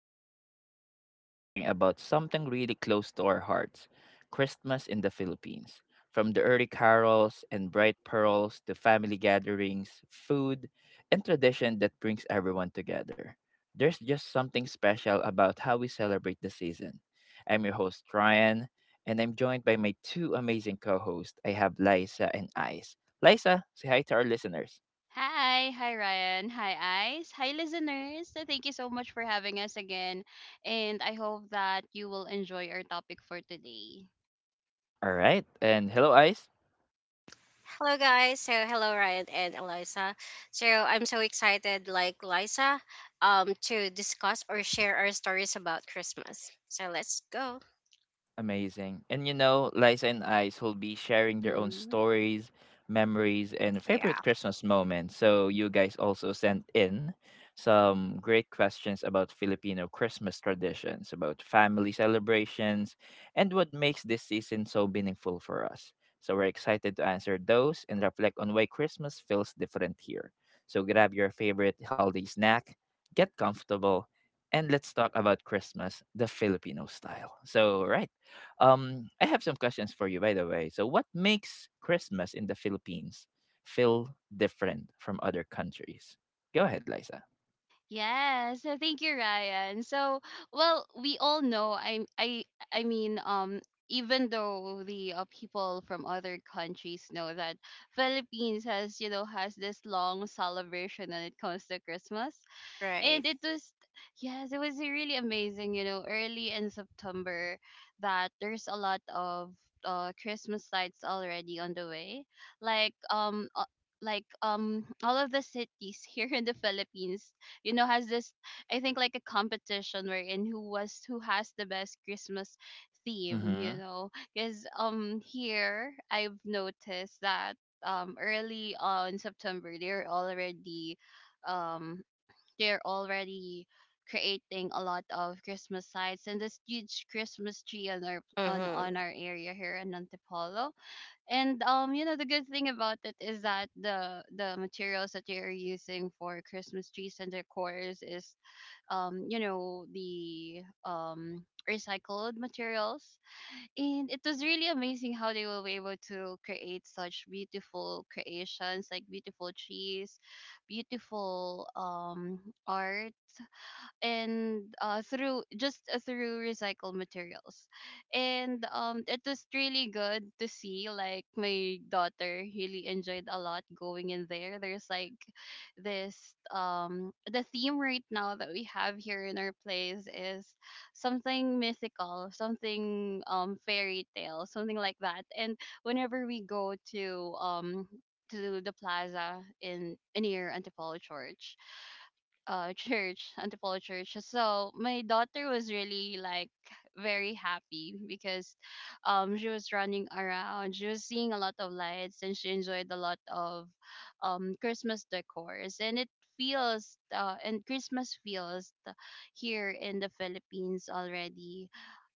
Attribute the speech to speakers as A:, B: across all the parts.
A: podcast. Today we're talking about something really close to our hearts, Christmas in the Philippines. From the early carols and bright pearls to family gatherings, food, and tradition that brings everyone together. There's just something special about how we celebrate the season. I'm your host, Ryan, and I'm joined by my two amazing co hosts. I have Liza and Ice. Liza, say hi to our listeners.
B: Hi, hi Ryan, hi Ice, hi listeners. So thank you so much for having us again, and I hope that you will enjoy our topic for today.
A: All right, and hello, Ice.
C: Hello guys. Hello Ryan and Eliza. So I'm so excited like Liza to discuss or share our stories about Christmas. So let's go.
A: Amazing. And you know, Liza and Ice will be sharing their own
B: Mm-hmm.
A: stories, memories, and
C: Yeah.
A: favorite Christmas moments. So you guys also sent in some great questions about Filipino Christmas traditions, about family celebrations, and what makes this season so meaningful for us. So we're excited to answer those and reflect on why Christmas feels different here. So grab your favorite holiday snack, get comfortable, and let's talk about Christmas the Filipino style. So, right. I have some questions for you, by the way. So, what makes Christmas in the Philippines feel different from other countries? Go ahead, Liza.
B: Yes, so thank you, Ryan. So, well, we all know. I mean, even though the people from other countries know that Philippines has, has this long celebration when it comes to Christmas.
C: Right.
B: And it was yes, it was really amazing, early in September, that there's a lot of Christmas lights already on the way, like um uh, like all of the cities here in the Philippines, has this, I think, like a competition wherein who has the best Christmas theme,
A: Mm-hmm.
B: because here I've noticed that early on September they're already, um they're already creating a lot of Christmas lights and this huge Christmas tree on our,
C: Mhm.
B: area here in Antipolo. And you know, the good thing about it is that the materials that they're using for Christmas trees and decors is the recycled materials. And it was really amazing how they were able to create such beautiful creations, like beautiful trees, beautiful art, and through recycled materials. And it was really good to see. Like, my daughter really enjoyed a lot going in there. There's like this, the theme right now that we have here in our place is something mythical, something fairy tale, something like that. And whenever we go to, the plaza in, near Antipolo church, church Antipolo church. So my daughter was really like very happy because she was running around, she was seeing a lot of lights, and she enjoyed a lot of Christmas decors. And it feels and Christmas feels, here in the Philippines already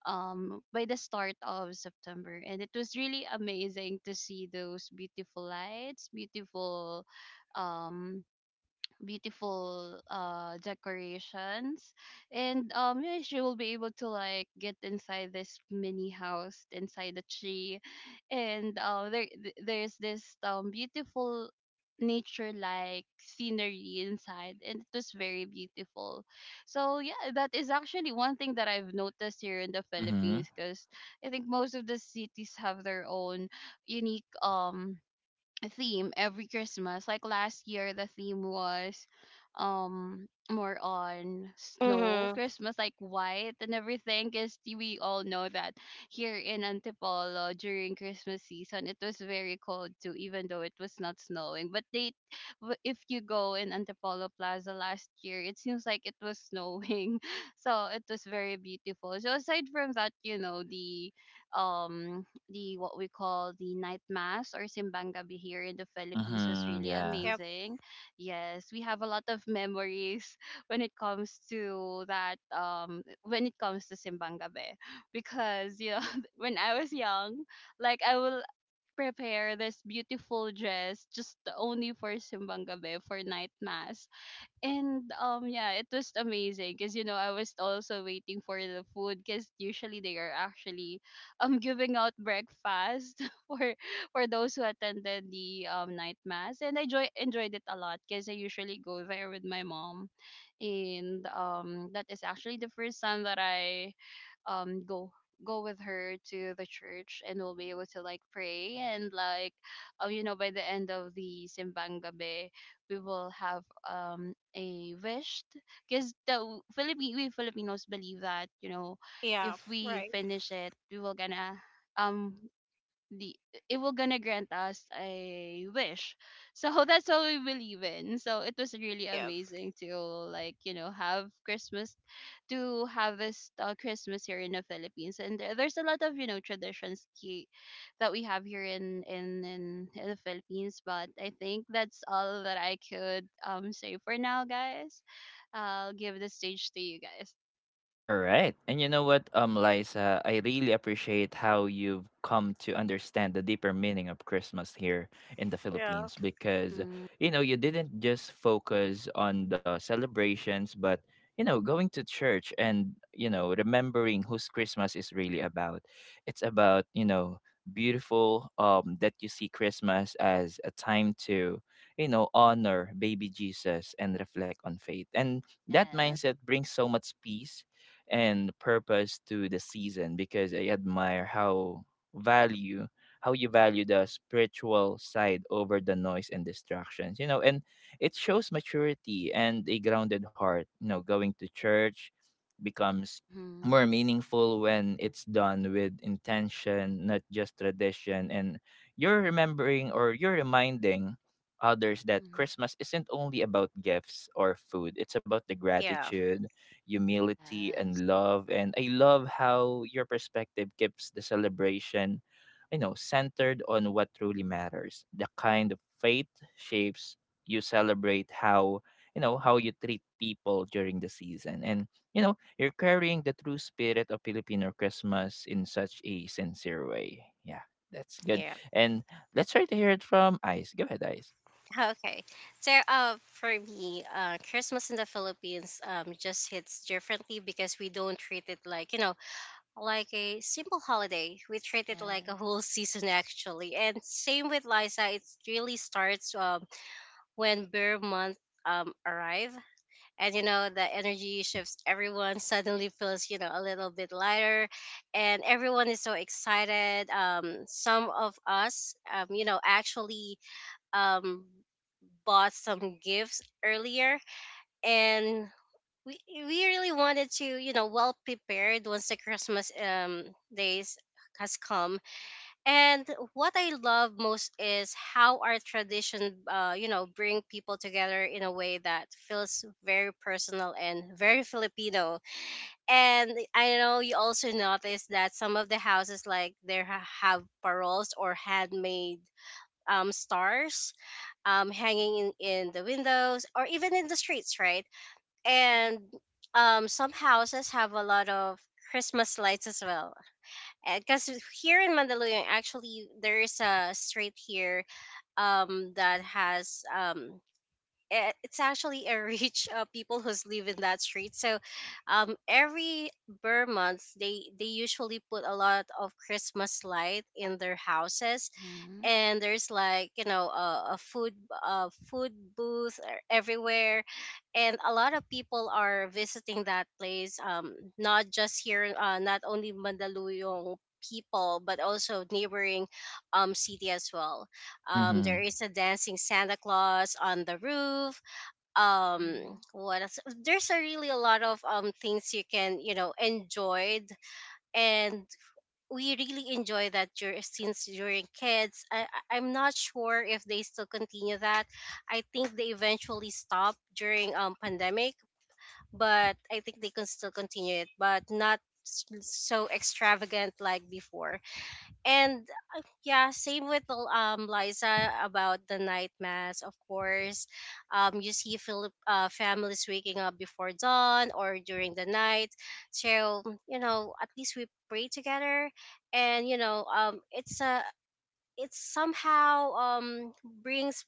B: by the start of September. And it was really amazing to see those beautiful lights, beautiful, um decorations. And yeah, she will be able to like get inside this mini house inside the tree. And there's this beautiful nature like scenery inside, and it was very beautiful. So yeah, that is actually one thing that I've noticed here in the
A: Mm-hmm.
B: Philippines, because I think most of the cities have their own unique theme every Christmas. Like last year, the theme was more on
C: Mhm.
B: snow Christmas, like white and everything. Cause we all know that here in Antipolo during Christmas season, it was very cold too, even though it was not snowing. But they, if you go in Antipolo Plaza last year, it seems like it was snowing, so it was very beautiful. So aside from that, um the what we call the night mass or Simbang Gabi here in the Philippines was
A: Mm-hmm.
B: really
A: Yeah.
C: Yep.
B: amazing. Yes, we have a lot of memories when it comes to that, when it comes to Simbang Gabi because, when I was young, like I will prepare this beautiful dress just only for Simbang Gabi, for night mass. And yeah, it was amazing because, I was also waiting for the food, because usually they are actually giving out breakfast for for those who attended the night mass. And I joy enjoyed it a lot because I usually go there with my mom. And that is actually the first time that I go, with her to the church. And we'll be able to like pray, and like, by the end of the Simbang Gabi we will have a wish, because the w- Philippi we Filipinos believe that, you know,
C: Yeah.
B: if we
C: Right.
B: finish it, we will gonna um the it will gonna grant us a wish. So that's what we believe in. So it was really
C: Yep.
B: amazing to, like, have this Christmas here in the Philippines. And there's a lot of, traditions, that we have here in, the Philippines, but I think that's all that I could say for now, guys. I'll give the stage to you guys.
A: All right. And you know what, Liza, I really appreciate how you've come to understand the deeper meaning of Christmas here in the
C: Yeah.
A: Philippines because,
B: Mm-hmm.
A: you know, you didn't just focus on the celebrations, but, you know, going to church and, you know, remembering whose Christmas is really about. It's about, you know, beautiful that you see Christmas as a time to, you know, honor baby Jesus and reflect on faith. And that
B: Yes.
A: mindset brings so much peace and purpose to the season because I admire value how you value the spiritual side over the noise and distractions, you know, and it shows maturity and a grounded heart. You know, going to church becomes
B: Mm-hmm.
A: more meaningful when it's done with intention, not just tradition, and you're remembering or you're reminding others that
B: Mm-hmm.
A: christmas isn't only about gifts or food. It's about the
C: Yeah.
A: gratitude, humility and
B: Yes.
A: love. And I love how your perspective keeps the celebration, you know, centered on what truly matters. The kind of faith shapes you celebrate, how, you know, how you treat people during the season, and you know, you're carrying the true spirit of Filipino christmas in such a sincere way. Yeah, that's good.
C: Yeah.
A: And let's try to hear it from Ice. Go ahead, Ice.
C: Okay. So for me, Christmas in the Philippines just hits differently because we don't treat it like, you know, like a simple holiday. We treat it like a
B: Yes.
C: whole season actually. And same with Liza, it really starts when bear month arrive. And you know the energy shifts. Everyone suddenly feels, you know, a little bit lighter, and everyone is so excited. Some of us, you know, actually um bought some gifts earlier, and we really wanted to, you know, well prepared once the Christmas days has come. And what I love most is how our tradition, you know, bring people together in a way that feels very personal and very Filipino. And I know you also noticed that some of the houses, like have paroles or handmade stars hanging in the windows or even in the streets, right? And some houses have a lot of Christmas lights as well. Because here in Mandaluyong, actually, there is a street here that has. It's actually a rich of people who's live in that street. So, every Burr month, they usually put a lot of Christmas light in their houses,
B: Mhm.
C: and there's like, you know, a food booth everywhere, and a lot of people are visiting that place, not just here, not only Mandaluyong people, but also neighboring city as well.
A: Mm-hmm.
C: There is a dancing Santa Claus on the roof.
B: Mhm.
C: What else? There's a really a lot of things you can, you know, enjoyed, and we really enjoy that since during kids. I'm not sure if they still continue that. I think they eventually stopped during pandemic, but I think they can still continue it, but not so extravagant like before. And yeah, same with Liza about the night mass, of course. You see families waking up before dawn or during the night, so you know at least we pray together. And you know, it's a, it somehow brings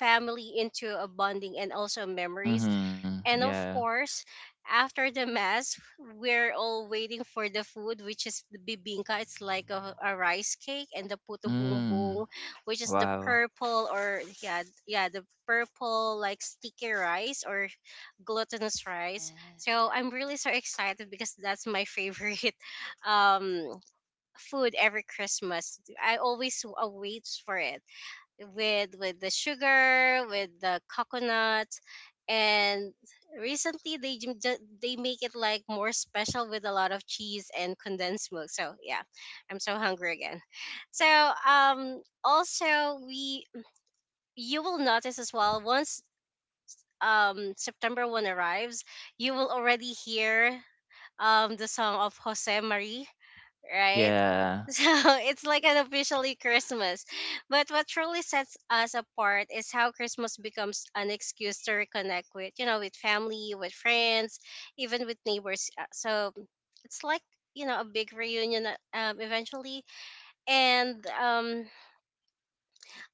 C: family into a bonding and also memories.
A: Mm-hmm.
C: And of
A: Yeah.
C: course, after the mass, we're all waiting for the food, which is the bibingka. It's like a rice cake, and the puto
A: Mm.
C: bumbong, which is the
A: Wow.
C: purple, or yeah, yeah, the purple like sticky rice or glutinous rice.
B: Yeah.
C: So I'm really so excited because that's my favorite um food every Christmas. I always await for it with the sugar, with the coconut, and recently they make it like more special with a lot of cheese and condensed milk. So yeah, I'm so hungry again. So also we, you will notice as well once September one arrives, you will already hear the song of Jose Marie. Right,
A: Yeah.
C: so it's like an officially
B: Yeah.
C: Christmas. But what truly sets us apart is how Christmas becomes an excuse to reconnect with, you know, with family, with friends, even with neighbors. So it's like, you know, a big reunion eventually. And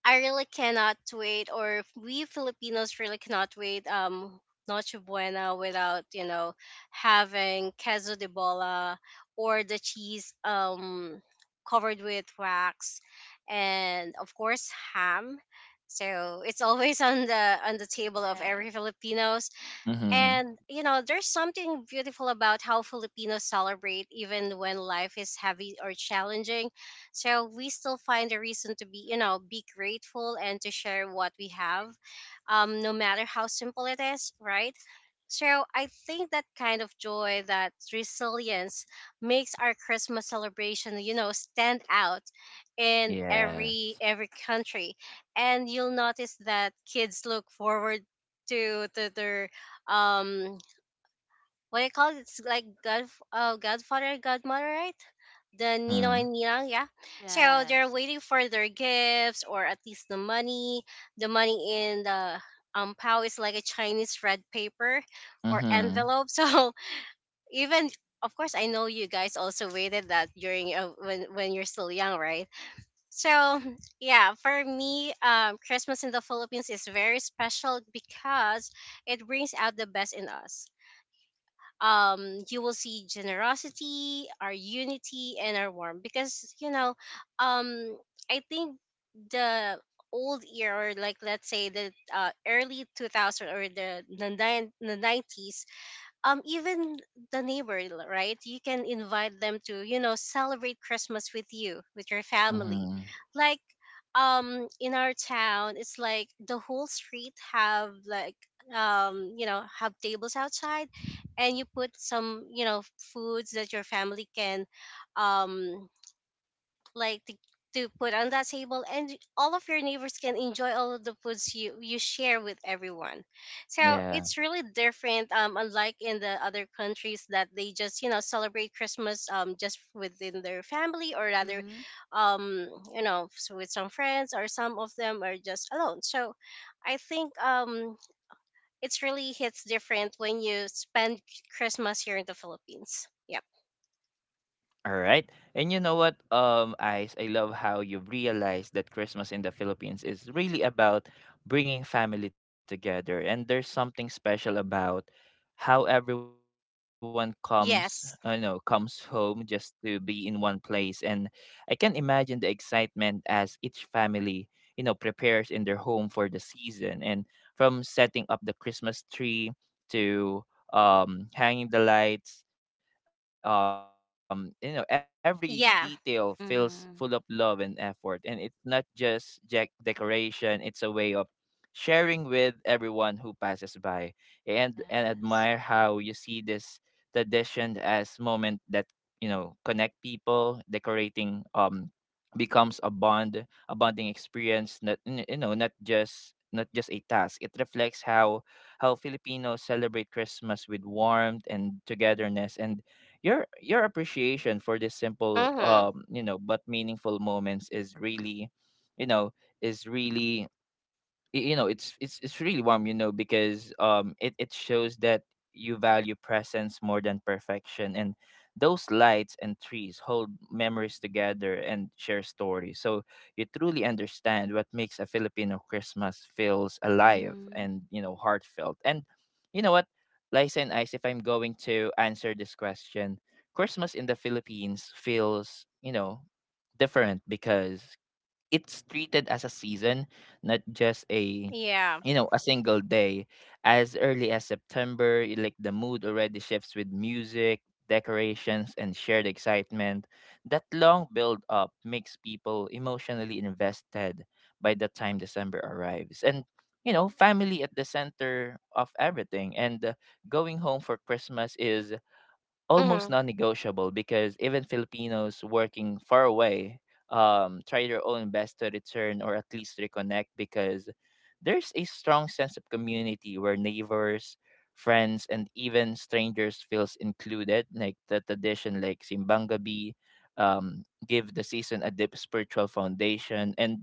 C: I really cannot wait, or we Filipinos really cannot wait. Noche Buena without, you know, having queso de bola or the cheese covered with wax, and of course ham. So it's always on the table of
B: Yes.
C: every Filipino.
A: Mhm.
C: And you know, there's something beautiful about how Filipinos celebrate even when life is heavy or challenging. So we still find a reason to be, you know, be grateful and to share what we have, no matter how simple it is, right? So I think that kind of joy, that resilience, makes our Christmas celebration, you know, stand out in
A: Yes.
C: every country. And you'll notice that kids look forward to their um what I call it? It's like god, godfather, godmother, right? The Nino and
A: Mhm.
C: Ninang, yeah. So they're
B: Yes.
C: waiting for their gifts, or at least the money. The money in the pao is like a Chinese red paper or
A: Mhm.
C: envelope. So even of course I know you guys also waited that during, when you're still young, right? So yeah, for me, Christmas in the Philippines is very special because it brings out the best in us. You will see generosity, our unity, and our warmth. Because you know, um, I think the old era, or like let's say the early 2000, or the '90s. Even the neighbor, right, you can invite them to, you know, celebrate Christmas with you, with your family,
A: Mhm.
C: like in our town it's like the whole street have like you know, have tables outside, and you put some, you know, foods that your family can um like to put on that table, and all of your neighbors can enjoy all of the foods you you share with everyone. So it's really
A: Yeah.
C: different, unlike in the other countries that they just, you know, celebrate Christmas just within their family, or rather
B: Mhm.
C: um you know, with some friends, or some of them are just alone. So I think it's really hits different when you spend Christmas here in the Philippines. Yep.
A: All right. And you know what, Ice, I love how you've realized that Christmas in the Philippines is really about bringing family together. And there's something special about how everyone comes, you know, comes
C: Yes.
A: home just to be in one place. And I can imagine the excitement as each family, you know, prepares in their home for the season. And from setting up the Christmas tree to hanging the lights, you know, every detail feels full of
C: Yeah.
A: love and effort, and
B: Mhm.
A: it's not just jack decoration, it's a way of sharing with everyone who passes by. And admire how you see
B: Yes.
A: this tradition as moment that, you know, connect people decorating. Becomes a bonding experience, not n- you know, not just a task. It reflects how Filipinos celebrate christmas with warmth and togetherness, and your appreciation for this simple,
C: Mhm.
A: you know, but meaningful moments is really, you know, is really, you know, it's really warm. You know, because it shows that you value presence more than perfection, and those lights and trees hold memories together and share stories. So you truly understand what makes a Filipino christmas feels alive
B: Mhm.
A: and, you know, heartfelt. And you know what, Lisa and Ice, if I'm going to answer this question, christmas in the Philippines feels, you know, different because it's treated as a season, not just a,
C: Yeah.
A: you know, a single day. As early as September, like the mood already shifts with music, decorations, and shared excitement. That long build up makes people emotionally invested by the time December arrives, and you know, family at the center of everything. And going home for Christmas is almost
C: Mhm.
A: non-negotiable because even Filipinos working far away try their own best to return or at least reconnect because there's a strong sense of community where neighbors, friends, and even strangers feels included. Like the tradition, like Simbangabi, give the season a deep spiritual foundation, and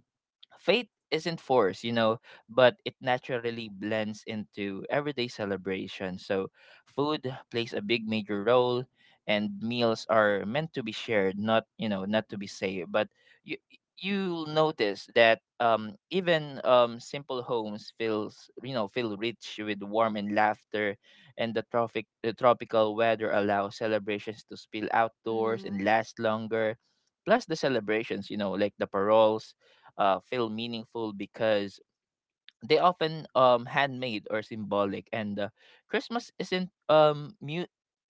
A: faith isn't forced, you know, but it naturally blends into everyday celebration. So, food plays a big major role, and meals are meant to be shared, not, you know, not to be saved. But you you'll notice that, even, simple homes feels, you know, feel rich with warm and laughter, and the tropical weather allows celebrations to spill outdoors and
B: Mhm.
A: last longer. Plus the celebrations, you know, like the paroles, feel meaningful because they often, handmade or symbolic. And christmas isn't um mu-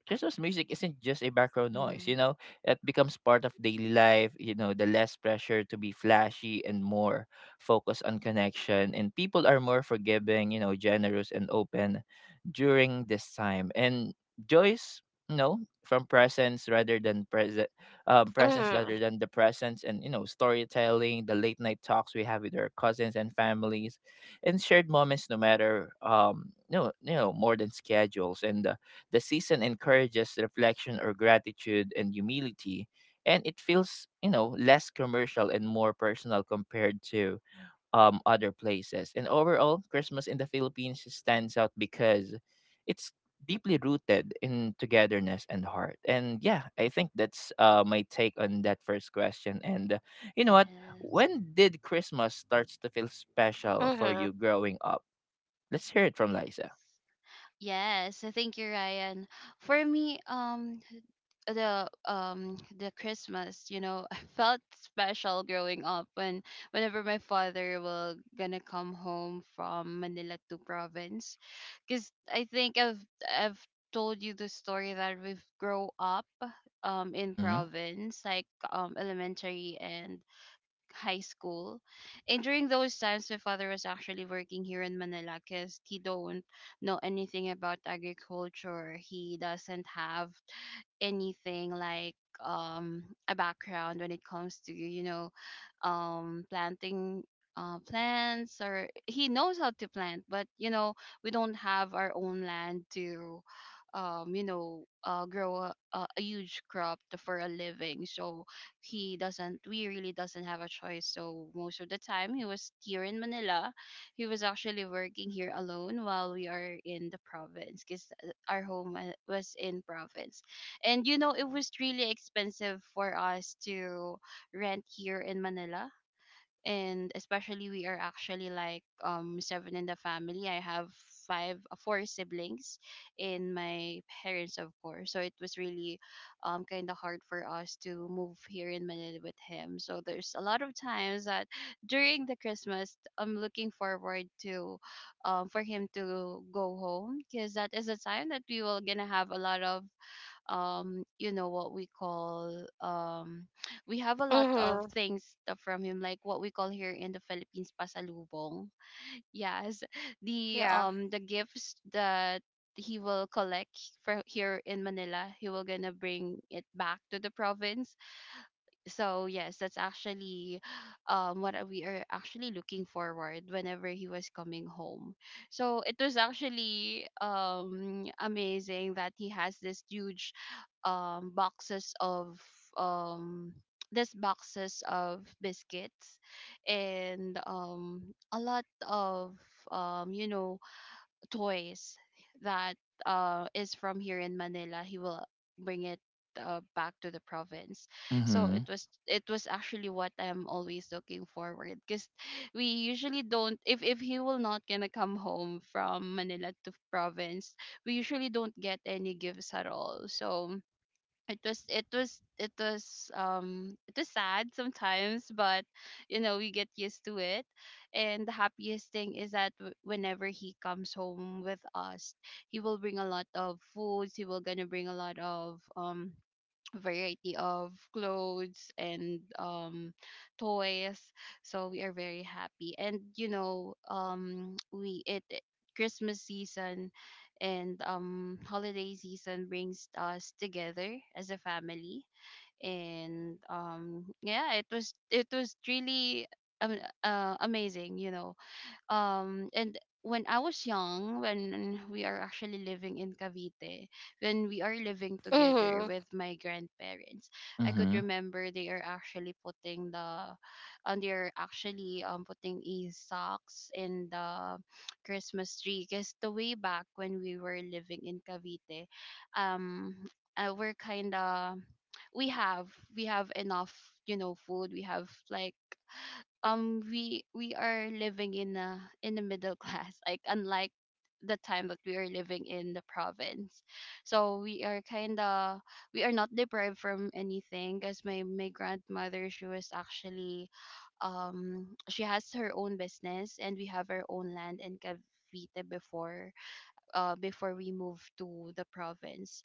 A: christmas music isn't just a background noise,
B: Mhm.
A: you know. It becomes part of daily life. You know, the less pressure to be flashy and more focus on connection, and people are more forgiving, you know, generous and open during this time. And joyce, you know, from presence rather than present, presence
C: Mhm.
A: rather than the presence, and you know, storytelling, the late night talks we have with our cousins and families and shared moments, no matter, no you know, more than schedules. And the season encourages reflection or gratitude and humility, and it feels, you know, less commercial and more personal compared to, other places. And overall, Christmas in the Philippines stands out because it's deeply rooted in togetherness and heart. And yeah, I think that's my take on that first question. And you know what?
B: Yes.
A: When did Christmas starts to feel special for
C: Mhm.
A: you growing up? Let's hear it from
B: Yes.
A: Liza.
B: Yes, thank you, Ryan. For me, the Christmas, I felt special growing up whenever my father will gonna come home from Manila to province, because I think I've told you the story that we've grow up in
A: Mhm.
B: province, like elementary and high school. And during those times, my father was actually working here in Manila because he don't know anything about agriculture. He doesn't have anything like a background when it comes to, you know, planting, plants, or he knows how to plant, but you know, we don't have our own land to grow a huge crop for a living. So he doesn't we really doesn't have a choice. So most of the time he was here in Manila. He was actually working here alone while we are in the province, because our home, was in province. And you know, it was really expensive for us to rent here in Manila. And especially, we are actually like seven in the family. I have five, four siblings, and my parents, of course. So it was really kind of hard for us to move here in Manila with him. So there's a lot of times that during the Christmas I'm looking forward to, for him to go home, because that is a time that we will gonna have a lot of you know what we call, we have a lot of
C: Mhm.
B: things, from him, like what we call here in the Philippines pasalubong. Yes, the
C: Yeah.
B: um the gifts that he will collect for, here in Manila, he will gonna bring it back to the province. So yes, that's actually we are actually looking forward whenever he was coming home. So it was actually amazing that he has this huge, um boxes of um boxes of biscuits, and a lot of um you know toys that is from here in Manila. He will bring it, back to the province. So it
A: Mhm.
B: was, actually what I'm always looking forward, because we usually don't, if he will not gonna come home from Manila to province, we usually don't get any gifts at all. So it was sad sometimes, but you know, we get used to it. And the happiest thing is that, whenever he comes home with us, he will bring a lot of foods. He will gonna bring a lot of variety of clothes, and toys. So we are very happy. And you know, Christmas season and, holiday season brings us together as a family. And yeah, it was, really, um, amazing. You know, and when I was young, when we are actually living in Cavite, when we are living together
C: Mhm.
B: with my grandparents, I could
A: Mhm.
B: remember they are actually putting the, and they're actually putting a socks in the Christmas tree. Cause the way back when we were living in Cavite, um, we're kinda, we have we have enough food. We have, like, we are living in the middle class, like, unlike the time that we are living in the province, so we are not deprived from anything because my grandmother, she was actually, she has her own business and we have our own land in Cavite before, before we moved to the province.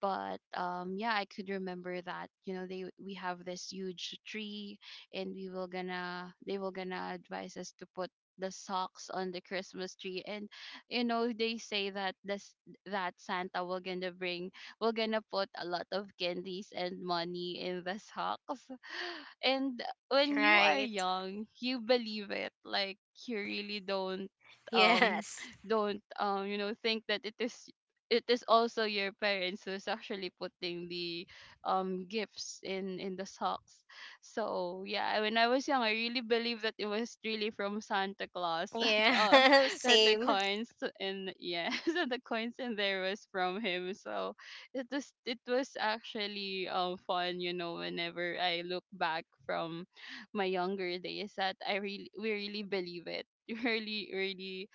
B: But yeah, I could remember that, they we have this huge tree, and we will gonna they will gonna advise us to put the socks on the Christmas tree. And they say that this that Santa will gonna put a lot of candies and money in the socks and when you are
C: Right.
B: young, you believe it, like, you really don't, um
C: Yes.
B: think that it is also your parents who's actually putting the gifts in the socks. So yeah, when I was young, I really believed that it was really from Santa Claus that
C: Yeah.
B: the
C: Same.
B: coins, and yeah that the coins in there was from him. So it was actually, fun, you know, whenever I look back from my younger days, that I really we really believe it really really.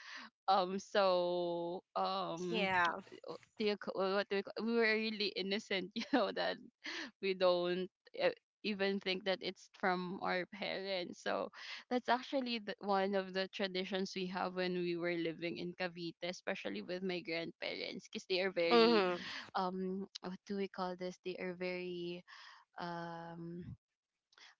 B: So
C: Yeah.
B: what do you, ca- what do you, ca- we were really innocent you know, that we don't, uh, even think that it's from our parents. So that's actually one of the traditions we have when we were living in Cavite, especially with my grandparents, because they are very,
C: Mhm.
B: what do we call this, they are very, um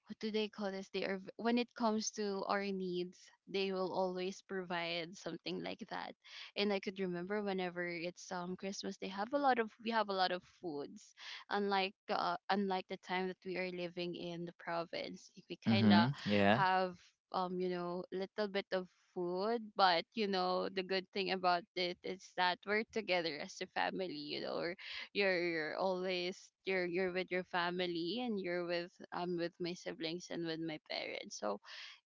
B: what do they call this? When it comes to our needs, they will always provide something like that. And I could remember whenever it's Christmas, they have a lot of we have a lot of foods. Unlike the time that we are living in the province, we kinda
A: Mhm. Yeah.
B: have, little bit of food. But the good thing about it is that we're together as a family. You know, you're always you're with your family, and you're with, with my siblings and with my parents. So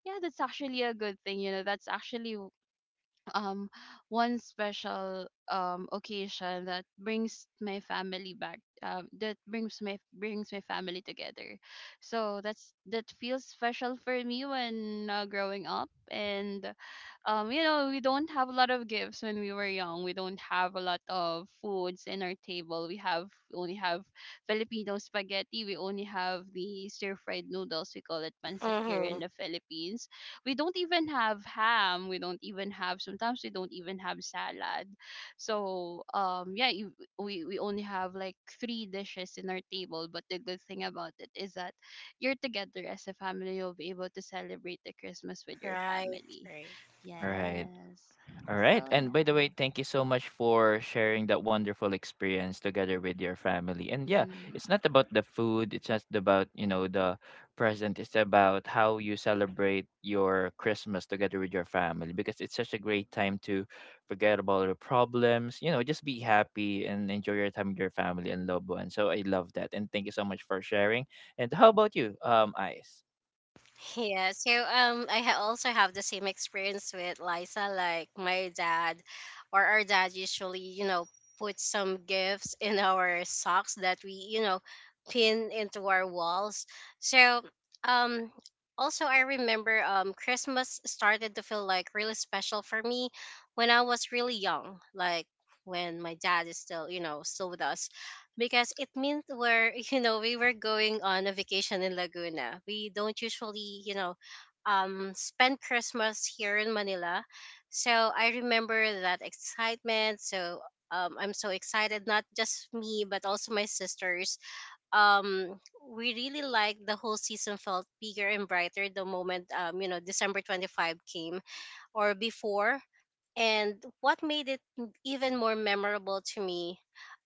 B: yeah, that's actually a good thing, that's actually, um one special, occasion that brings my family back, that brings my family together. So that feels special for me when, growing up. And we don't have a lot of gifts when we were young. We don't have a lot of foods in our table. We only have Filipino spaghetti. We only have the stir fried noodles, we call it pancit here in
C: Mhm.
B: the Philippines. We don't even have ham. We don't even have, sometimes we don't even have salad. So yeah, you, we only have like three dishes in our table, but the good thing about it is that you're together as a family, you'll be able to celebrate the Christmas with your
C: Right.
B: family.
C: Right.
A: Right.
B: Yes.
A: All
B: So
A: right. And by the
B: yeah.
A: way, thank you so much for sharing that wonderful experience together with your family. And yeah,
B: Mhm.
A: it's not about the food, it's just about, you know, the present. It's about how you celebrate your Christmas together with your family because it's such a great time to forget about all the problems, you know, just be happy and enjoy your time with your family and loved ones. So I love that. And thank you so much for sharing. And how about you, Ice?
C: Yeah, so I also have the same experience with Liza. Like my dad, or our dad usually, you know, put some gifts in our socks that we, you know, pin into our walls. So um, also I remember Christmas started to feel like really special for me when I was really young, like when my dad is still, you know, still with us, because it meant we're you know we were going on a vacation in Laguna. We don't usually, you know, spend Christmas here in Manila, so I remember that excitement. So I'm so excited, not just me but also my sisters. Um, we really like the whole season felt bigger and brighter the moment, you know, December 25 came, or before. And what made it even more memorable to me,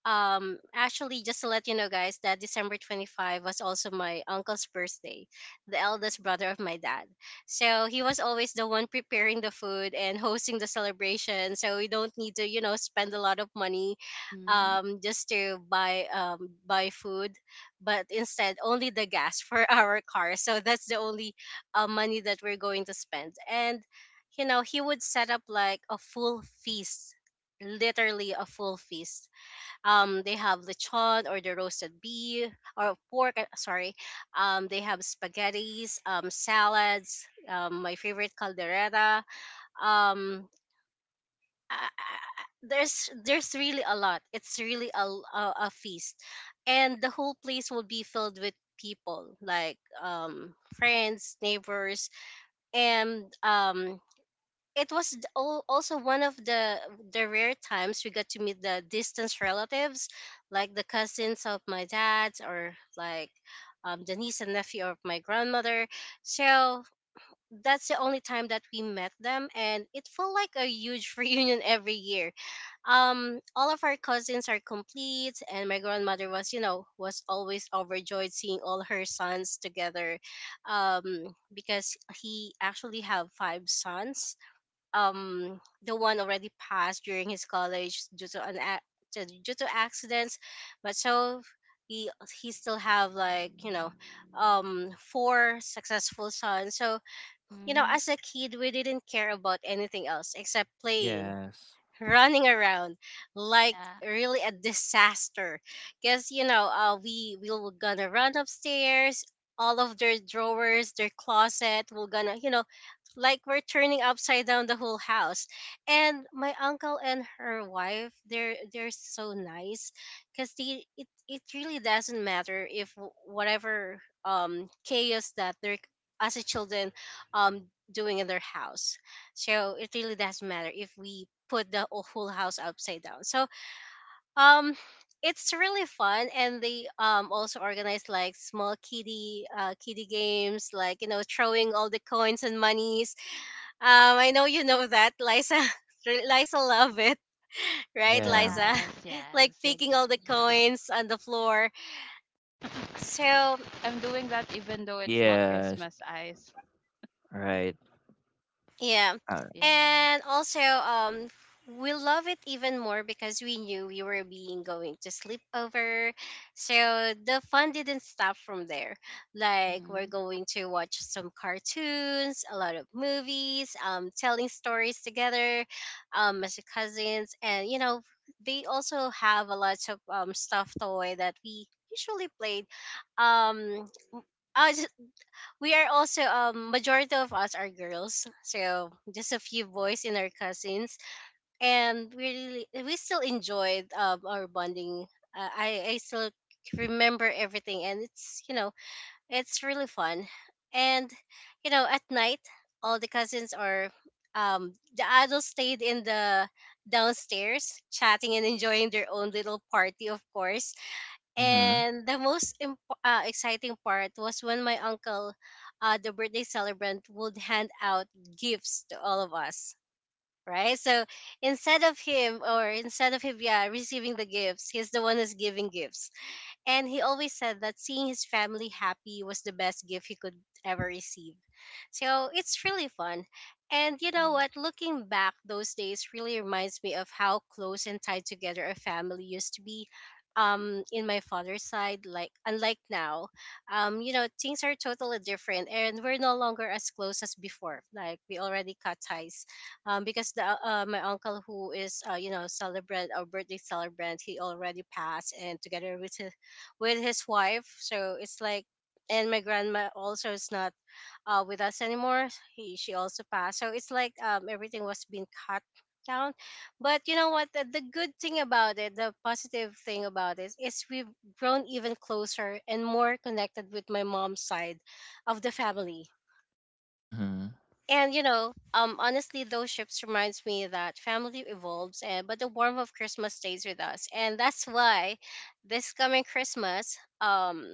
C: actually, just to let you know, guys, that December 25 was also my uncle's birthday, the eldest brother of my dad. So he was always the one preparing the food and hosting the celebration. So we don't need to, you know, spend a lot of money,
B: Mhm.
C: just to buy, buy food, but instead only the gas for our car. So that's the only, money that we're going to spend. And you know, he would set up like a full feast, literally a full feast. They have lechon, or the roasted beef or pork. Sorry, they have spaghettis, salads. My favorite caldereta. Um, I, I- there's really a lot. It's really a, l- a feast, and the whole place will be filled with people like friends, neighbors, and it was also one of the rare times we got to meet the distant relatives, like the cousins of my dad, or like the niece and nephew of my grandmother. So that's the only time that we met them, and it felt like a huge reunion every year. All of our cousins are complete, and my grandmother was, you know, was always overjoyed seeing all her sons together. um because he actually have five sons. The one already passed during his college due to an due to accidents, but so he he still have, like, you know, four successful sons. So you know,
B: Mhm.
C: as a kid, we didn't care about anything else except playing,
A: Yes.
C: running around, like
B: Yeah.
C: really a disaster, because you know, we were gonna run upstairs, all of their drawers, their closet, we're gonna, you know, like we're turning upside down the whole house. And my uncle and her wife, they're so nice, because they it, it really doesn't matter if whatever chaos that they're, as a children, um doing in their house. So it really doesn't matter if we put the whole house upside down. So um it's really fun, and they also organize like small kiddie kiddie games, like, you know, throwing all the coins and monies. I know you know that Liza Liza love it, right,
B: Yes.
A: Yeah.
C: Liza? Like
B: Yes.
C: picking all the
B: Exactly.
C: coins on the floor. So
B: I'm doing that even though it's not
A: Yes.
B: Christmas eyes.
A: Right.
C: yeah.
A: Uh,
B: Yeah.
C: And also, we love it even more because we knew we were being going to sleep over. So the fun didn't stop from there. Like we're
B: Mhm.
C: going to watch some cartoons, a lot of movies, telling stories together, as cousins, and you know, they also have a lot of stuffed toy that we usually played um we are also majority of us are girls, so just a few boys in our cousins. And we still enjoyed our bonding. I still remember everything, and it's you know it's really fun. And you know at night all the cousins are the adults stayed in the downstairs chatting and enjoying their own little party, of course.
A: mhm.
C: And the most exciting part was when my uncle, the birthday celebrant, would hand out gifts to all of us. Right, so instead of him, yeah, receiving the gifts, he's the one who's giving gifts. And he always said that seeing his family happy was the best gift he could ever receive. So it's really fun. And you know
B: Mhm.
C: what? Looking back, those days really reminds me of how close and tied together a family used to be. In my father's side, like unlike now, you know, things are totally different, and we're no longer as close as before. Like we already cut ties, because the my uncle who is you know celebrant our birthday celebrant, he already passed, and together with with his wife. So it's like, and my grandma also is not with us anymore. She also passed. So it's like everything was being cut down. But you know what? The good thing about it, the positive thing about it, is we've grown even closer and more connected with my mom's side of the family.
A: Mm-hmm.
C: And you know, honestly, those ships reminds me that family evolves, and but the warmth of Christmas stays with us, and that's why this coming Christmas,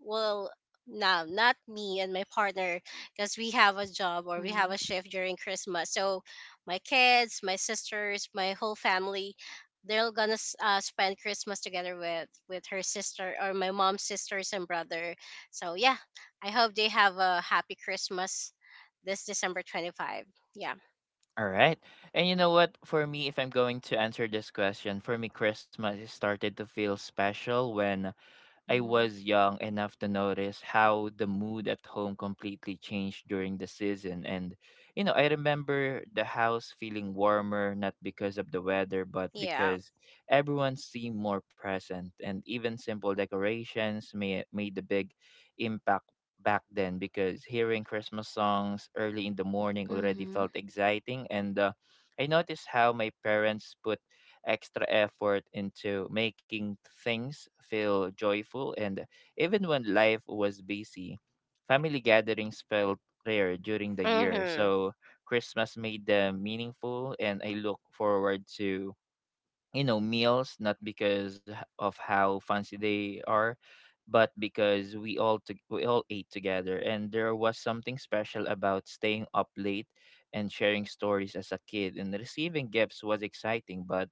C: will now not me and my partner, because we have a job or we have
B: Mhm.
C: a shift during Christmas. So my kids, my sisters, my whole family, they're gonna spend Christmas together with her sister or my mom's sisters and brother. So yeah, I hope they have a happy Christmas this December 25. Yeah.
A: All right. And you know what? For me, if I'm going to answer this question, for me, Christmas started to feel special when I
B: Mhm.
A: was young enough to notice how the mood at home completely changed during the season. And, you know, I remember the house feeling warmer, not because of the weather, but
C: Yeah.
A: because everyone seemed more present. And even simple decorations made a big impact back then because hearing Christmas songs early in the morning already
B: Mhm.
A: felt exciting. And I noticed how my parents put extra effort into making things feel joyful. And even when life was busy, family gatherings felt rare during the year.
C: Mhm.
A: So Christmas made them meaningful, and I look forward to, you know, meals, not because of how fancy they are, but because we all ate together, and there was something special about staying up late and sharing stories as a kid. And receiving gifts was exciting, but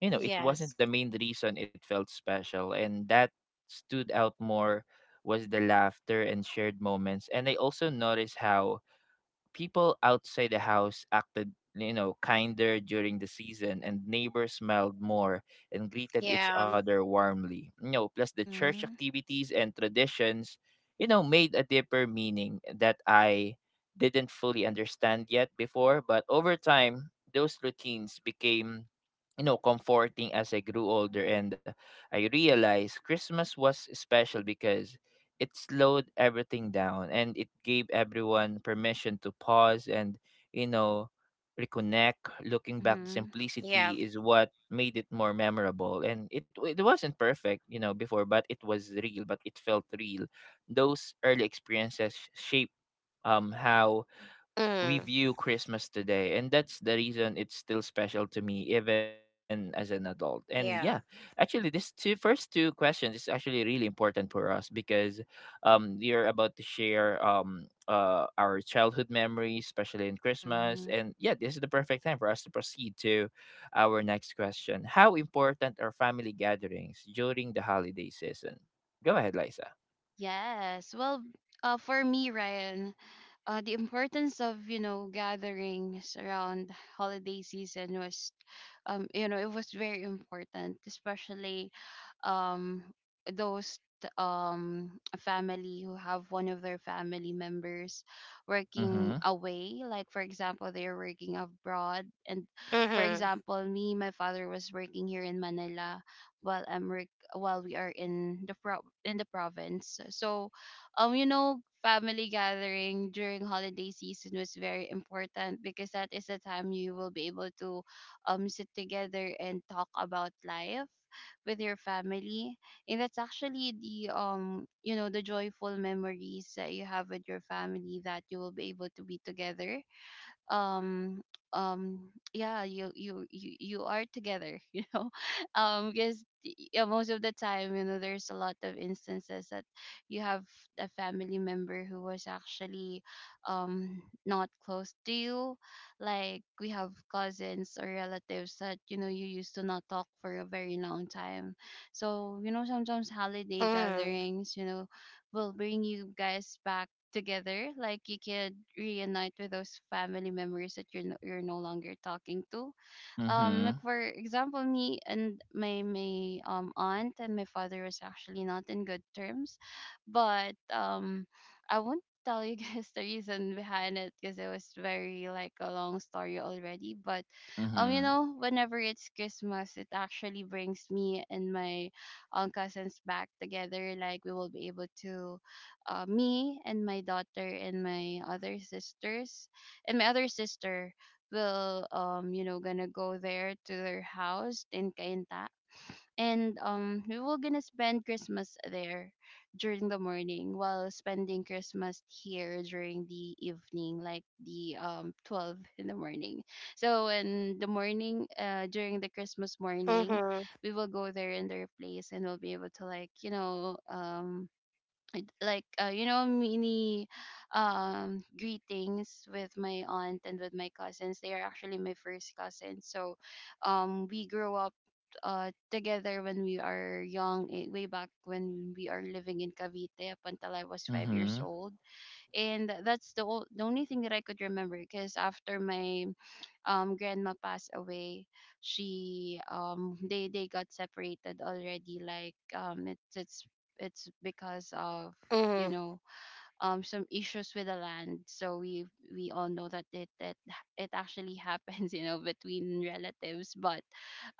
A: you know, it wasn't
C: Yes.
A: the main reason it felt special, and that stood out more was the laughter and shared moments. And I also noticed how people outside the house acted, you know, kinder during the season, and neighbors smiled more and greeted each
C: Yeah.
A: other warmly. You know, plus the church
B: Mhm.
A: activities and traditions, you know, made a deeper meaning that I didn't fully understand yet before. But over time, those routines became, you know, comforting as I grew older. And I realized christmas was special because it slowed everything down, and it gave everyone permission to pause and, you know, reconnect. Looking back, the
B: Mhm.
C: Yeah.
A: simplicity is what made it more memorable, and it wasn't perfect, you know, before, but it was real, but it felt real. Those early experiences shaped, how we
C: Mm.
A: view Christmas today, and that's the reason it's still special to me even as an adult. And yeah,
C: Yeah.
A: actually, this two first two questions is actually really important for us because you're about to share our childhood memories, especially in Christmas.
B: Mhm.
A: And yeah, this is the perfect time for us to proceed to our next question. How important are family gatherings during the holiday season? Go ahead, Liza.
B: Yes. Well, for me, Ryan, the importance of, gatherings around holiday season was, it was very important, especially, um those a family who have one of their family members
A: Mm-hmm.
B: working away, like, for example, they're working abroad. And for
C: Mhm.
B: example, me, my father was working here in Manila, while I'm work while we are in the province so family gathering during holiday season was very important, because that is the time you will be able to, sit together and talk about life with your family. And that's actually the joyful memories that you have with your family, that you will be able to be together. um yeah, you are together you know, because yeah, most of the time, there's a lot of instances that you have a family member who was actually, um not close to you, like we have cousins or relatives that, you know, you used to not talk for a very long time. So, sometimes holiday
C: Mhm.
B: gatherings, will bring you guys back together. Like, you could reunite with those family members that you're no longer talking to,
A: Mm-hmm.
B: like, for example, me and my, aunt and my father was actually not in good terms. But I won't tell you guys the reason behind it because it was very, like, a long story already. But
A: Mm-hmm.
B: whenever it's Christmas, it actually brings me and my, cousins back together. Like, we will be able to me and my daughter and my other sisters and my other sister will, gonna go there to their house in Cainta. And we will gonna spend Christmas there during the morning, while spending Christmas here during the evening, like, the 12 in the morning. So in the morning, during the Christmas morning,
C: Mhm.
B: we will go there in their place, and we'll be able to, like, I'd like, mini, greetings with my aunt and with my cousins. They are actually my first cousins. So we grew up, together when we are young, way back when we are living in Cavite up until I was 5 years
A: Mm-hmm.
B: old. And that's the only thing that I could remember, because after my, grandma passed away, she they got separated already. Like, it's because of, you
C: Mhm.
B: know some issues with the land. So we all know that it actually happens between relatives. But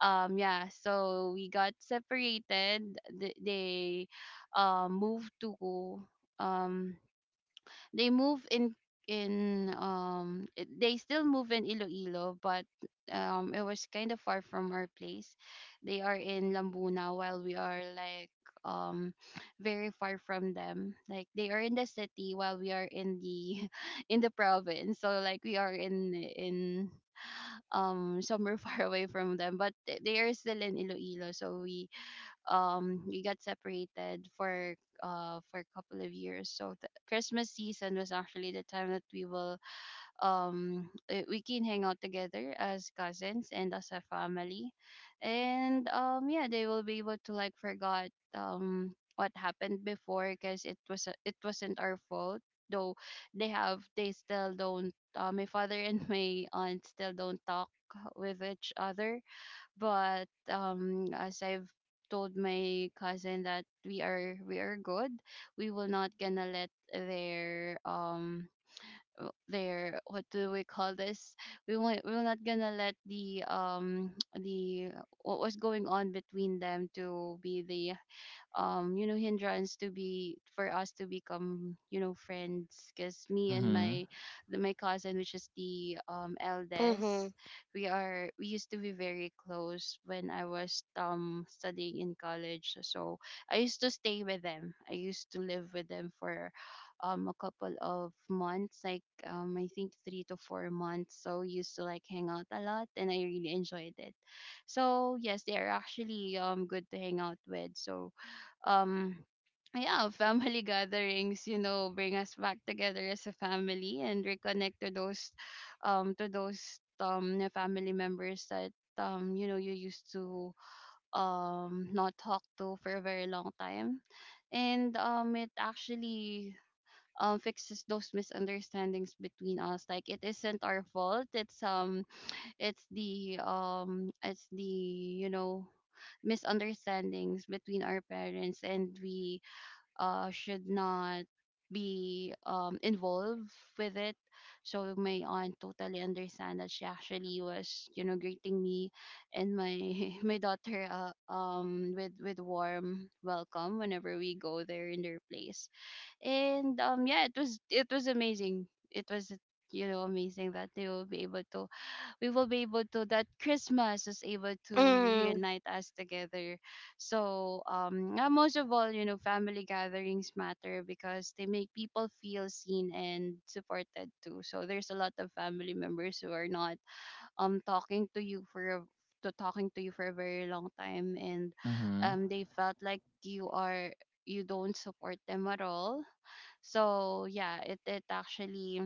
B: yeah, so we got separated. They, moved to um they move in they still move in Iloilo. But it was kind of far from our place. They are in Lambuna, while we are, like, um very far from them. Like, they are in the city, while we are in the in the province. So like, we are in somewhere far away from them, but they are still in Iloilo. So we got separated for, for a couple of years. So the Christmas season was actually the time that we will, we can hang out together as cousins and as a family. And yeah, they will be able to, like, forgot, what happened before, because it was it wasn't our fault. Though they still don't, my father and my aunt still don't talk with each other. But as I've told my cousin that we are good, we will not gonna let their, what do we call this, we're not gonna let the, the, what was going on between them to be the, hindrance, to be for us to become, friends. Because me and
A: Mm-hmm.
B: my my cousin, which is the,
C: Mhm.
B: eldest, we used to be very close when I was, studying in college. So I used to stay with them, I used to live with them for, a couple of months, like, I think 3 to 4 months. So we used to, like, hang out a lot and I really enjoyed it. So yes, they are actually, good to hang out with. So um yeah, family gatherings, bring us back together as a family, and reconnect to those, to those, na family members that, you used to, not talk to for a very long time. And it actually, fixes those misunderstandings between us. Like, it isn't our fault, it's, it's the, misunderstandings between our parents, and we, should not be, involved with it. So my aunt totally understand that. She actually was, you know, greeting me and my my daughter, with warm welcome whenever we go there in their place. And yeah, it was amazing. It was, amazing that they will be able to we will be able to that Christmas is able to
C: Mhm.
B: reunite us together. So yeah, most of all, family gatherings matter because they make people feel seen and supported too. So there's a lot of family members who are not, talking to you for a, to talking to you for a very long time, and
A: Mm-hmm.
B: they felt like you don't support them at all. So yeah, it actually,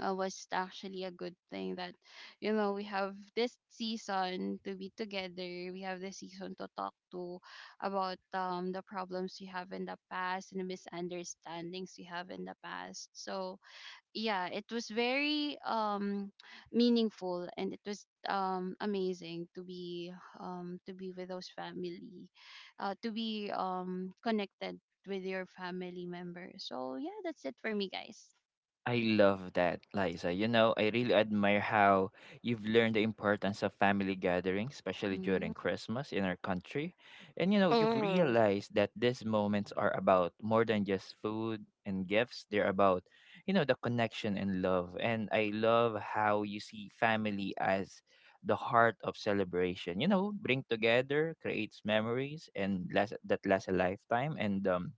B: was actually a good thing that, we have this season to be together, we have this season to talk to about, the problems we have in the past and the misunderstandings we have in the past. So yeah, it was very, meaningful, and it was, amazing to be, to be with those family to be connected with your family members. So yeah, that's it for me, guys.
A: I love that, Liza. You know, I really admire how you've learned the importance of family gatherings, especially
B: Hmm.
A: during Christmas in our country. And, you know, you've
C: Mhm.
A: realized that these moments are about more than just food and gifts, they're about, you know, the connection and love. And I love how you see family as the heart of celebration. You know, bring together, creates memories, and last, that lasts a lifetime. And,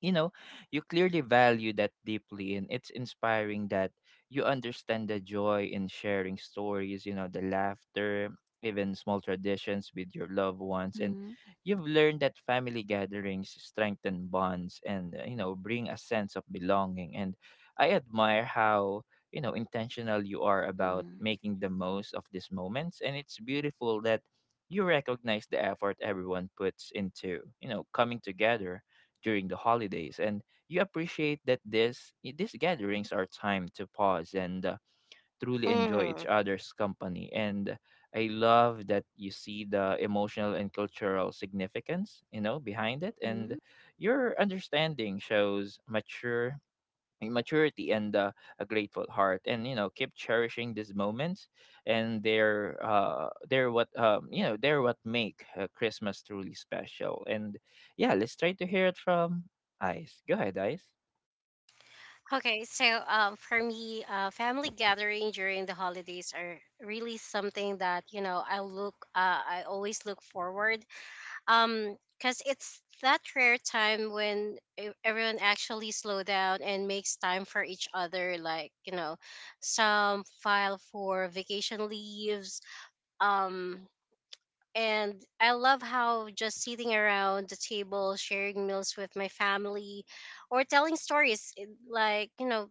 A: you know you clearly value that deeply, and it's inspiring that you understand the joy in sharing stories, you know, the laughter, even small traditions with your loved ones. And
B: Hmm.
A: you've learned that family gatherings strengthen bonds and you know, bring a sense of belonging. And I admire how, you know, intentional you are about
B: Mhm.
A: making the most of these moments, and it's beautiful that you recognize the effort everyone puts into, you know, coming together during the holidays. And you appreciate that this these gatherings are time to pause and truly enjoy each
C: Mhm.
A: other's company. And I love that you see the emotional and cultural significance, you know, behind it. And
B: Mhm.
A: your understanding shows mature a maturity and a grateful heart. And you know, keep cherishing these moments, and they're what, you know, they're what make Christmas truly special. And yeah, let's try to hear it from Ice. Go ahead, Ice.
C: Okay, so for me, family gathering during the holidays are really something that you know I always look forward because it's that rare time when everyone actually slow down and makes time for each other, like you know some file for vacation leaves. um and I love how just sitting around the table sharing meals with my family or telling stories, like you know,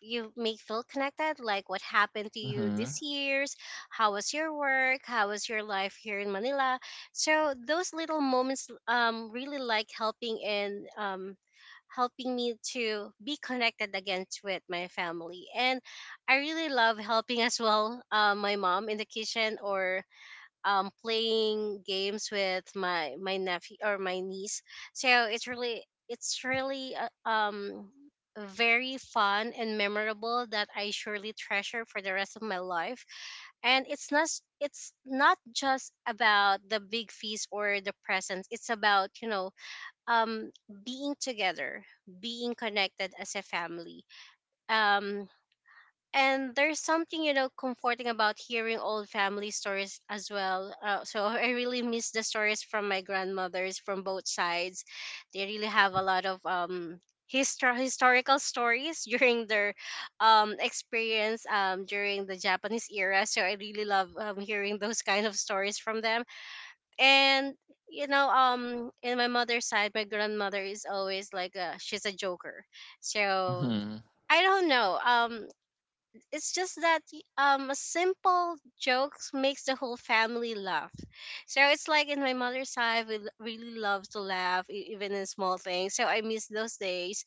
C: you may feel connected, like what happened to you
A: Mm-hmm.
C: this year's, how was your work, how was your life here in Manila. So those little moments really like helping me to be connected again to with my family. And I really love helping as well, my mom in the kitchen, or playing games with my nephew or my niece. So it's really very fun and memorable that I surely treasure for the rest of my life. And it's not just about the big feast or the presents. It's about you know um being together, being connected as a family. Um, and there's something you know comforting about hearing old family stories as well, so I really miss the stories from my grandmothers from both sides. They really have a lot of historical stories during their experience during the Japanese era, so I really love hearing those kind of stories from them. And you know in my mother's side my grandmother is always like she's a joker. So
A: Mm-hmm.
C: I don't know. It's just that a simple jokes makes the whole family laugh. So it's like in my mother's side we really love to laugh even in small things, so I miss those days.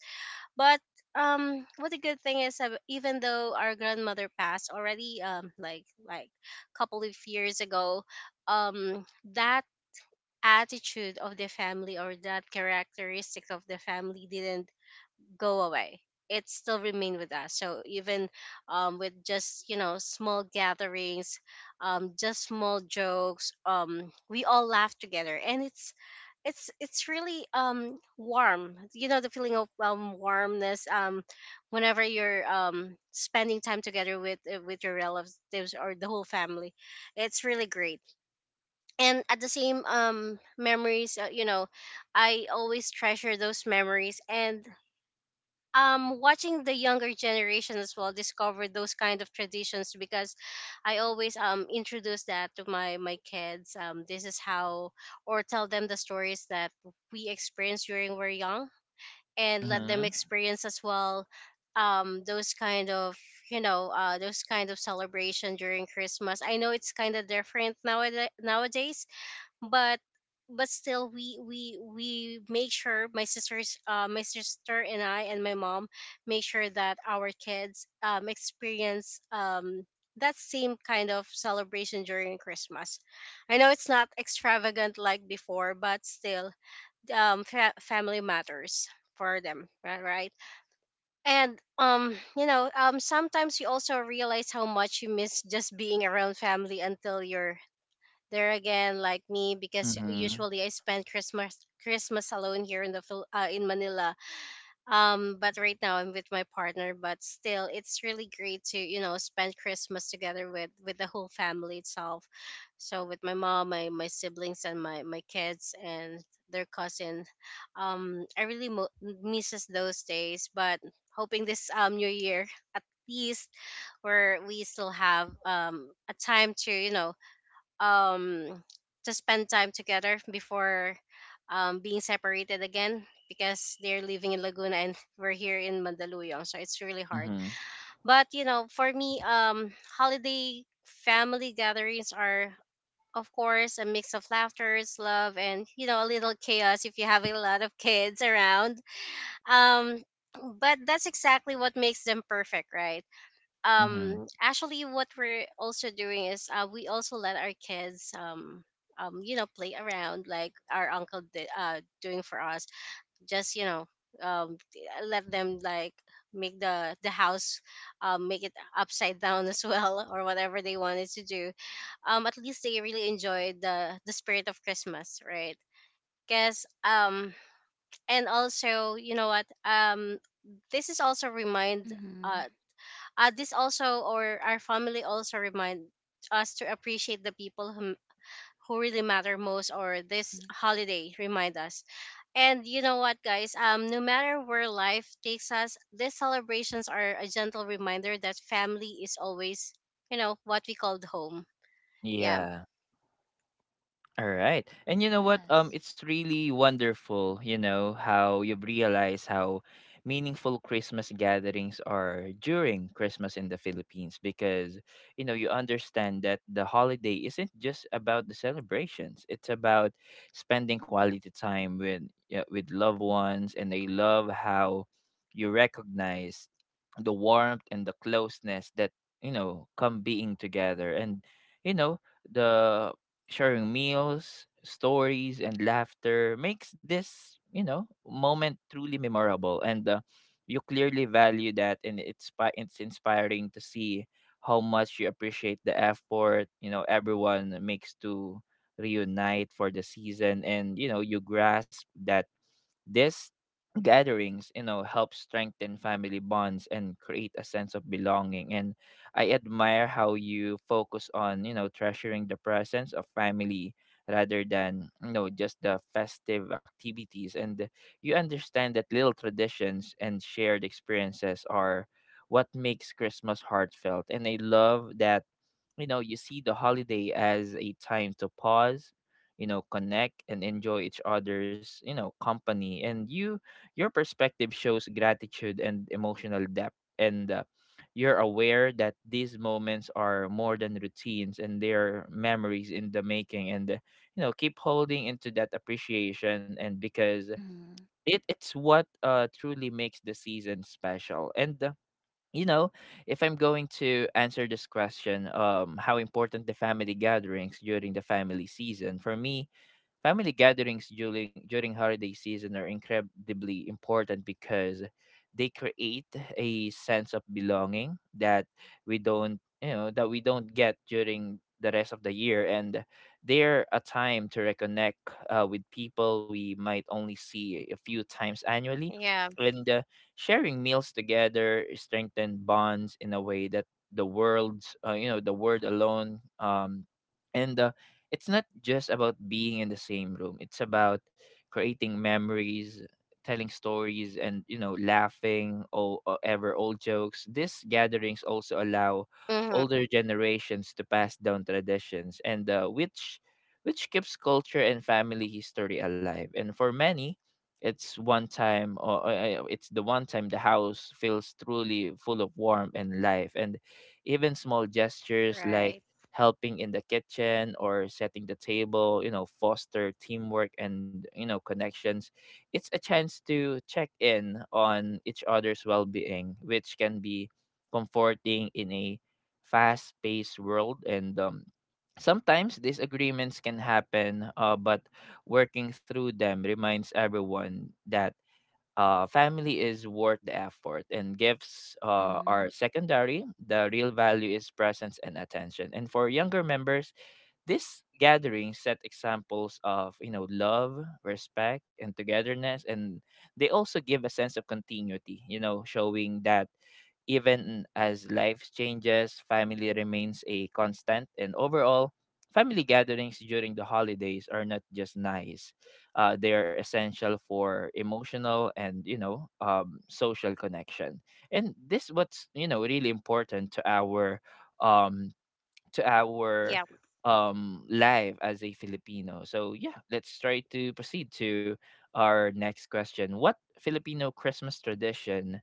C: But what a good thing is, even though our grandmother passed already couple of years ago, um that attitude of the family or that characteristic of the family didn't go away. It still remain with us. So even with just you know small gatherings, just small jokes, we all laugh together, and it's really warm, you know, the feeling of warmness whenever you're spending time together with your relatives or the whole family. It's really great. And at the same memories, you know, I always treasure those memories. And watching the younger generation as well discover those kind of traditions, because I always introduce that to my kids, this is how, or tell them the stories that we experienced during we're young, and let them
A: Mm-hmm.
C: experience as well those kind of, you know, those kind of celebration during Christmas. I know it's kind of different nowadays. but but still we make sure my sister and I and my mom make sure that our kids experience that same kind of celebration during Christmas. I know it's not extravagant like before, but still family matters for them, right? And you know sometimes you also realize how much you miss just being around family until you're there again. Like me, because
A: Mm-hmm.
C: usually I spend Christmas alone here in the in Manila. But right now I'm with my partner. But still, it's really great to you know spend Christmas together with the whole family itself. So with my mom, my siblings, and my kids and their cousin. I really misses those days. But hoping this new year, at least, where we still have a time to you know um to spend time together before being separated again, because they're living in Laguna and we're here in Mandaluyong, so it's really hard.
A: Mm-hmm.
C: But you know, for me, holiday family gatherings are, of course, a mix of laughters, love, and you know a little chaos if you have a lot of kids around. um but that's exactly what makes them perfect, right?
A: Mm-hmm.
C: Um, actually, what we're also doing is, we also let our kids you know play around like our uncle did doing for us. Just you know um let them like make the house make it upside down as well, or whatever they wanted to do, at least they really enjoyed the spirit of Christmas, right? Because and also you know what, this is also remind uh
B: Mhm.
C: this also, or our family also remind us to appreciate the people who really matter most, or this
B: Mhm.
C: holiday remind us. And you know what guys, no matter where life takes us, these celebrations are a gentle reminder that family is always you know what we called home. Yeah.
A: Yeah. All right. And you know what?
B: Yes.
A: It's really wonderful, you know, how you realize how meaningful Christmas gatherings are during Christmas in the Philippines, because you know, you understand that the holiday isn't just about the celebrations. It's about spending quality time with, yeah, with loved ones. And I love how you recognize the warmth and the closeness that, you know, come being together. And you know, the sharing meals, stories, and laughter makes this, you know, moment truly memorable. And you clearly value that, and it's it's inspiring to see how much you appreciate the effort, you know, everyone makes to reunite for the season. And you know, you grasp that these gatherings, you know, help strengthen family bonds and create a sense of belonging. And I admire how you focus on, you know, treasuring the presence of family rather than, you know, just the festive activities. And you understand that little traditions and shared experiences are what makes Christmas heartfelt. And I love that, you know, you see the holiday as a time to pause, you know, connect and enjoy each other's, you know, company. And your perspective shows gratitude and emotional depth. And you're aware that these moments are more than routines, and they're memories in the making. And you know, keep holding into that appreciation. And because
B: Mhm.
A: it's what truly makes the season special. And you know, if I'm going to answer this question, how important the family gatherings during the family season, for me, family gatherings during holiday season are incredibly important because they create a sense of belonging that we don't, you know, that we don't get during the rest of the year. And they're a time to reconnect with people we might only see a few times annually.
C: Yeah.
A: And sharing meals together strengthen bonds in a way that the world's, you know, the word alone, and it's not just about being in the same room. It's about creating memories, telling stories, and you know, laughing or ever old jokes. These gatherings also allow
C: Mm-hmm.
A: older generations to pass down traditions, and which keeps culture and family history alive. And for many, it's one time, or it's the one time the house feels truly full of warmth and life. And even small gestures like
C: Right.
A: helping in the kitchen or setting the table, you know, foster teamwork and, you know, connections. It's a chance to check in on each other's well being, which can be comforting in a fast paced world. And sometimes disagreements can happen, but working through them reminds everyone that family is worth the effort, and gifts are
B: Mhm.
A: secondary. The real value is presence and attention. And for younger members, these gatherings set examples of, you know, love, respect, and togetherness, and they also give a sense of continuity, you know, showing that even as life changes, family remains a constant. And overall, family gatherings during the holidays are not just nice; they are essential for emotional and, you know, social connection. And this what's, you know, really important to our um to our
C: Yeah.
A: life as a Filipino. So yeah, let's try to proceed to our next question. What Filipino Christmas tradition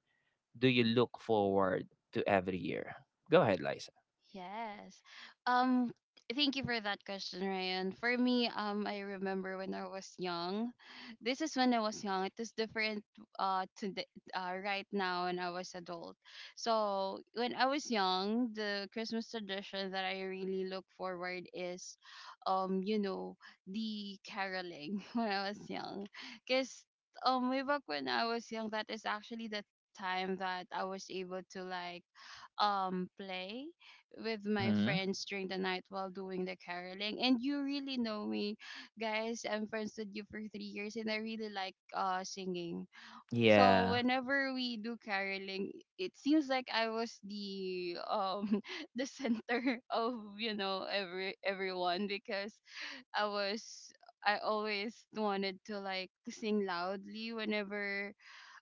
A: do you look forward to every year? Go ahead, Liza.
B: Yes. Um Thank you for that question, Ryan. For me, I remember when I was young. This is when I was young. It is different, uh to the, right now when I was adult. So, when I was young, the Christmas tradition that I really look forward is, um you know, the caroling when I was young. Cuz way back when I was young, that is actually the time that I was able to play with my
A: Mhm.
B: friends during the night while doing the caroling. And you really know me, guys, I'm friends with you for 3 years and I really like singing. So
A: Yeah.
B: whenever we do caroling, it seems like I was the the center of everyone because I was, I always wanted to like sing loudly whenever,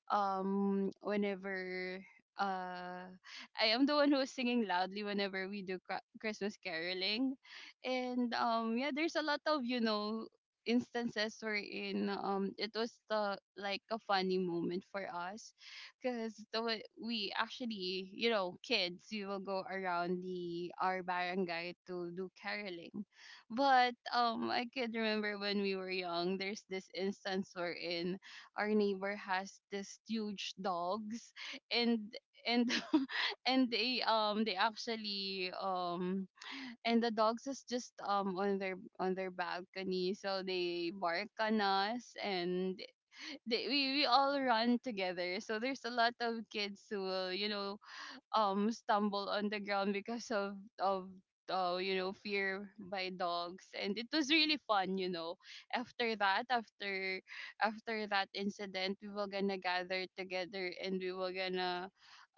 B: um whenever uh I am the one who is singing loudly whenever we do Christmas caroling. And yeah, there's a lot of, instances wherein it was the like a funny moment for us because the way we actually, you know, kids, we will go around the our barangay to do caroling. But I could remember when we were young, there's this instance wherein our neighbor has this huge dogs. And and and they actually and the dogs is just on their, on their balcony, so they bark on us. And they, we all run together, so there's a lot of kids who will, you know, stumble on the ground because of you know, fear by dogs. And it was really fun, you know, after that, after that incident, we were gonna gather together and we were gonna,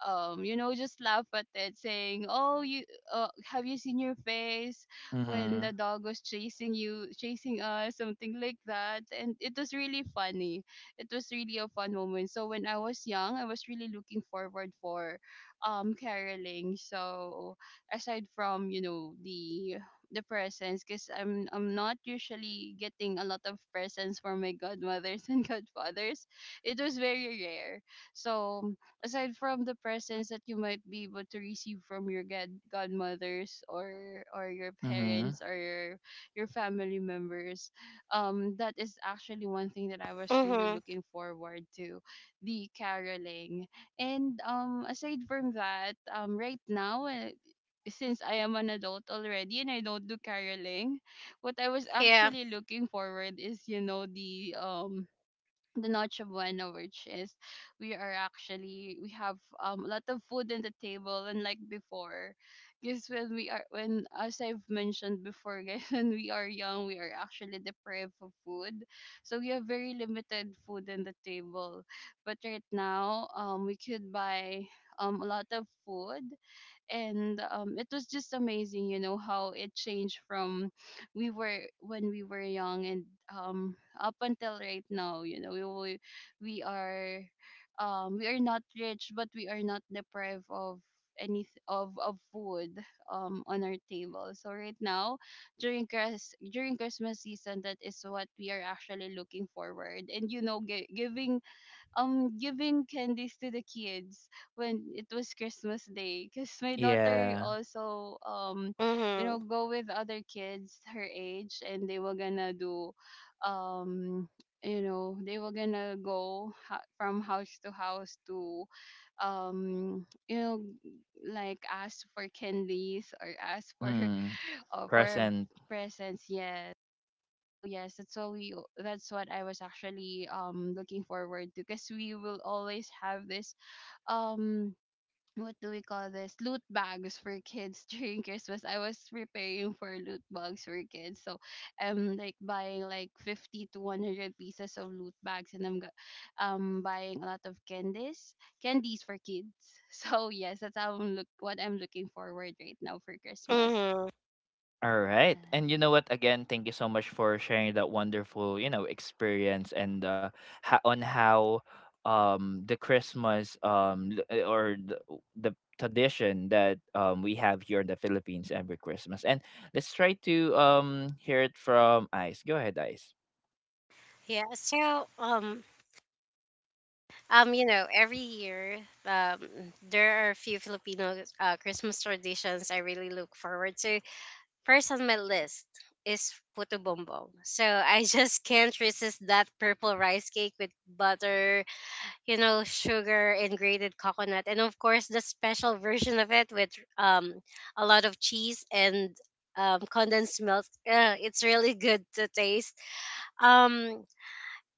B: you know, just laugh at it saying, oh, you, have you seen your face when
A: Mhm.
B: the dog was chasing us, something like that. And it was really funny, it was really a fun moment. So when I was young, I was really looking forward for caroling. So aside from, you know, the presents, because I'm not usually getting a lot of presents from my godmothers and godfathers, it was very rare. So aside from the presents that you might be able to receive from your godmothers or your
A: Mhm.
B: parents or your family members, that is actually one thing that I was really
C: Mm-hmm.
B: looking forward to, the caroling. And aside from that, right now, since I am an adult already and I don't do caroling, what I was
C: Yeah.
B: actually looking forward is, you know, the the Noche Buena, which is we are actually, we have, a lot of food in the table. And like before, because when we are, when, as I've mentioned before, guys, when we are young, we are actually deprived of food, so we have very limited food in the table. But right now, we could buy a lot of food. And it was just amazing, you know, how it changed from we were, when we were young, and up until right now, you know, we are, we are not rich, but we are not deprived of any of food on our table. So right now during during Christmas season, that is what we are actually looking forward, and you know, giving giving candies to the kids when it was Christmas Day. Because my daughter
A: Yeah.
B: also you know,
C: Mm-hmm.
B: go with other kids her age, and they were gonna do, um you know, they were gonna go from house to house to, um you know like ask for candies or ask for
A: Hmm.
B: for
A: Present.
B: presents. Yes, oh yes, that's what we that's what I was actually looking forward to. Because we will always have this, um what do we call this, loot bags for kids during Christmas. I was preparing for loot bags for kids, so I'm like buying like 50 to 100 pieces of loot bags, and I'm buying a lot of candies, candies for kids. So yes, that's how I'm look what I'm looking forward right now for Christmas.
C: Mm-hmm.
A: All right. And you
B: Yeah.
A: know what? Again, thank you so much for sharing that wonderful, you know, experience and on how the Christmas the tradition that we have here in the Philippines every Christmas. And let's try to hear it from Ice. Go ahead, Ice.
C: Yeah, so you know, every year, um, there are a few Filipino Christmas traditions I really look forward to. First on my list is puto bombong. So I just can't resist that purple rice cake with butter, you know, sugar and grated coconut, and of course the special version of it with um a lot of cheese and condensed milk. It's really good to taste. Um,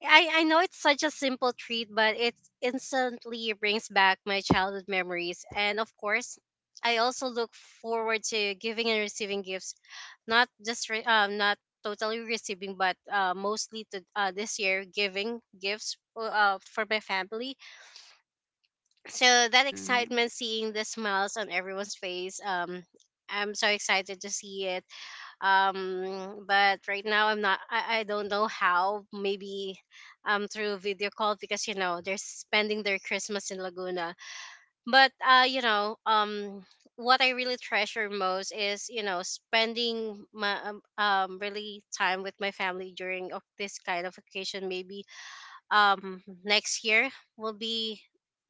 C: I know it's such a simple treat, but it instantly brings back my childhood memories. And of course, I also look forward to giving and receiving gifts, not just re- not totally receiving, but mostly to this year giving gifts, for my family. So that
B: Mhm.
C: excitement, seeing the smiles on everyone's face, I'm so excited to see it. But right now I don't know how. Maybe through video call, because you know they're spending their Christmas in Laguna. But you know what I really treasure most is you know spending my really time with my family during of this kind of occasion. Maybe next year will be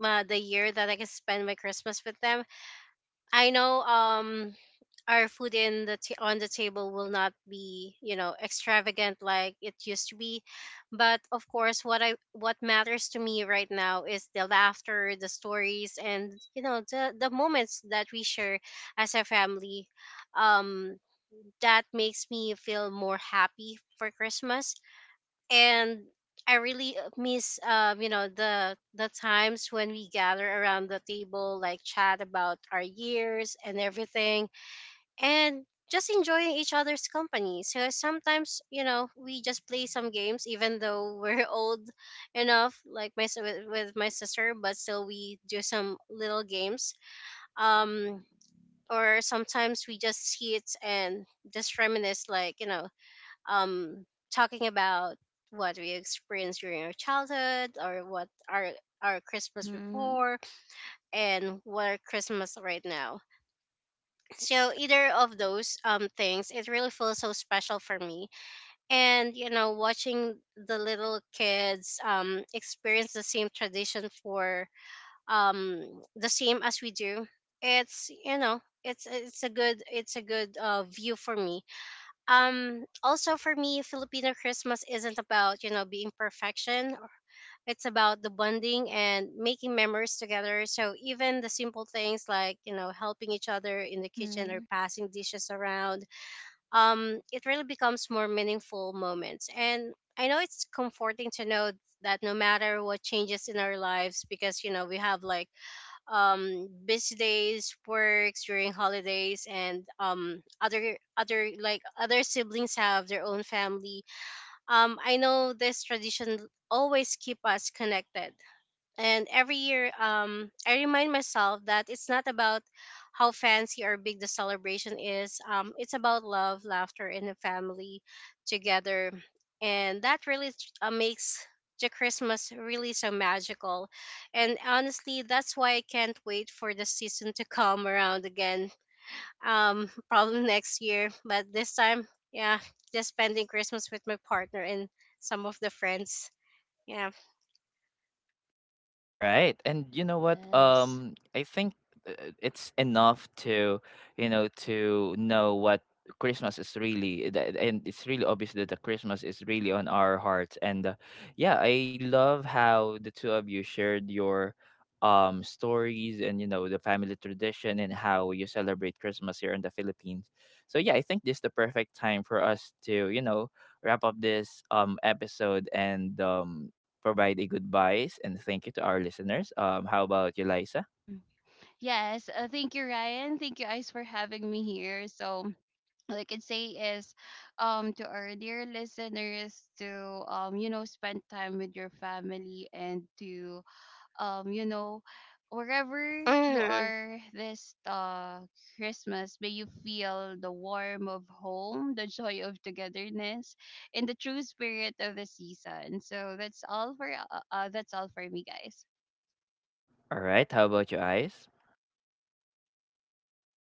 C: the year that I can spend my Christmas with them. I know our food in on the table will not be you know extravagant like it used to be, but of course what matters to me right now is the laughter, the stories, and you know the moments that we share as a family, um that makes me feel more happy for Christmas. And I really miss you know the times when we gather around the table like chat about our years and everything, and just enjoying each other's company. So sometimes, you know, we just play some games, even though we're old enough, like my s- with my sister, but still we do some little games. Um, or sometimes we just sit and just reminisce, like you know, um, talking about what we experienced during our childhood, or what our Christmas
B: Mhm.
C: before, and what our Christmas right now. So either of those things, it really feels so special for me. And you know, watching the little kids experience the same tradition for um the same as we do, it's you know, it's a good view for me. Also for me, Filipino Christmas isn't about, you know, being perfection. It's about the bonding and making memories together. So even the simple things like, you know, helping each other in the kitchen or
B: Mhm.
C: passing dishes around, it really becomes more meaningful moments. And I know it's comforting to know that no matter what changes in our lives, because, you know, we have like busy days works during holidays, and other like other siblings have their own family. I know this tradition always keep us connected. And every year, I remind myself that it's not about how fancy or big the celebration is. It's about love, laughter, and the family together. And that really makes the Christmas really so magical. And honestly, that's why I can't wait for the season to come around again. Probably next year, but this time, yeah, just spending Christmas with my partner and some of the friends. Yeah.
A: All right. And you know what?
B: Yes.
A: I think it's enough to, you know, to know what Christmas is really. That, and it's really obvious that the Christmas is really on our hearts. And yeah, I love how the two of you shared your stories and you know, the family tradition and how you celebrate Christmas here in the Philippines. So yeah, I think this is the perfect time for us to, you know, wrap up this episode and provide a goodbyes and thank you to our listeners. How about you, Liza?
B: Mhm. Yes. Thank you, Ryan. Thank you guys for having me here. So, all I can say is, to our dear listeners, to you know, spend time with your family, and to you know, wherever you
C: Mhm.
B: are this Christmas, may you feel the warmth of home, the joy of togetherness, and the true spirit of the season. So that's all for me, guys.
A: All right. How about you, Eyes?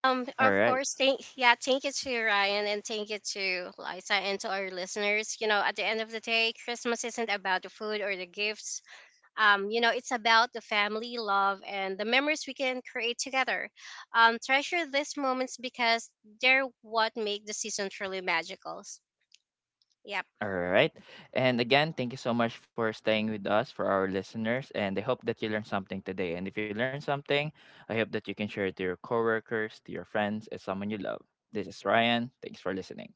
A: All
C: Of
A: right.
C: course, thank you to Ryan and thank you to Liza and to our listeners. You know, at the end of the day, Christmas isn't about the food or the gifts. You know, it's about the family love and the memories we can create together. Treasure these moments because they're what make the season truly magical. Yeah.
A: All right. And again, thank you so much for staying with us for our listeners. And I hope that you learned something today. And if you learned something, I hope that you can share it to your coworkers, to your friends, and someone you love. This is Ryan. Thanks for listening.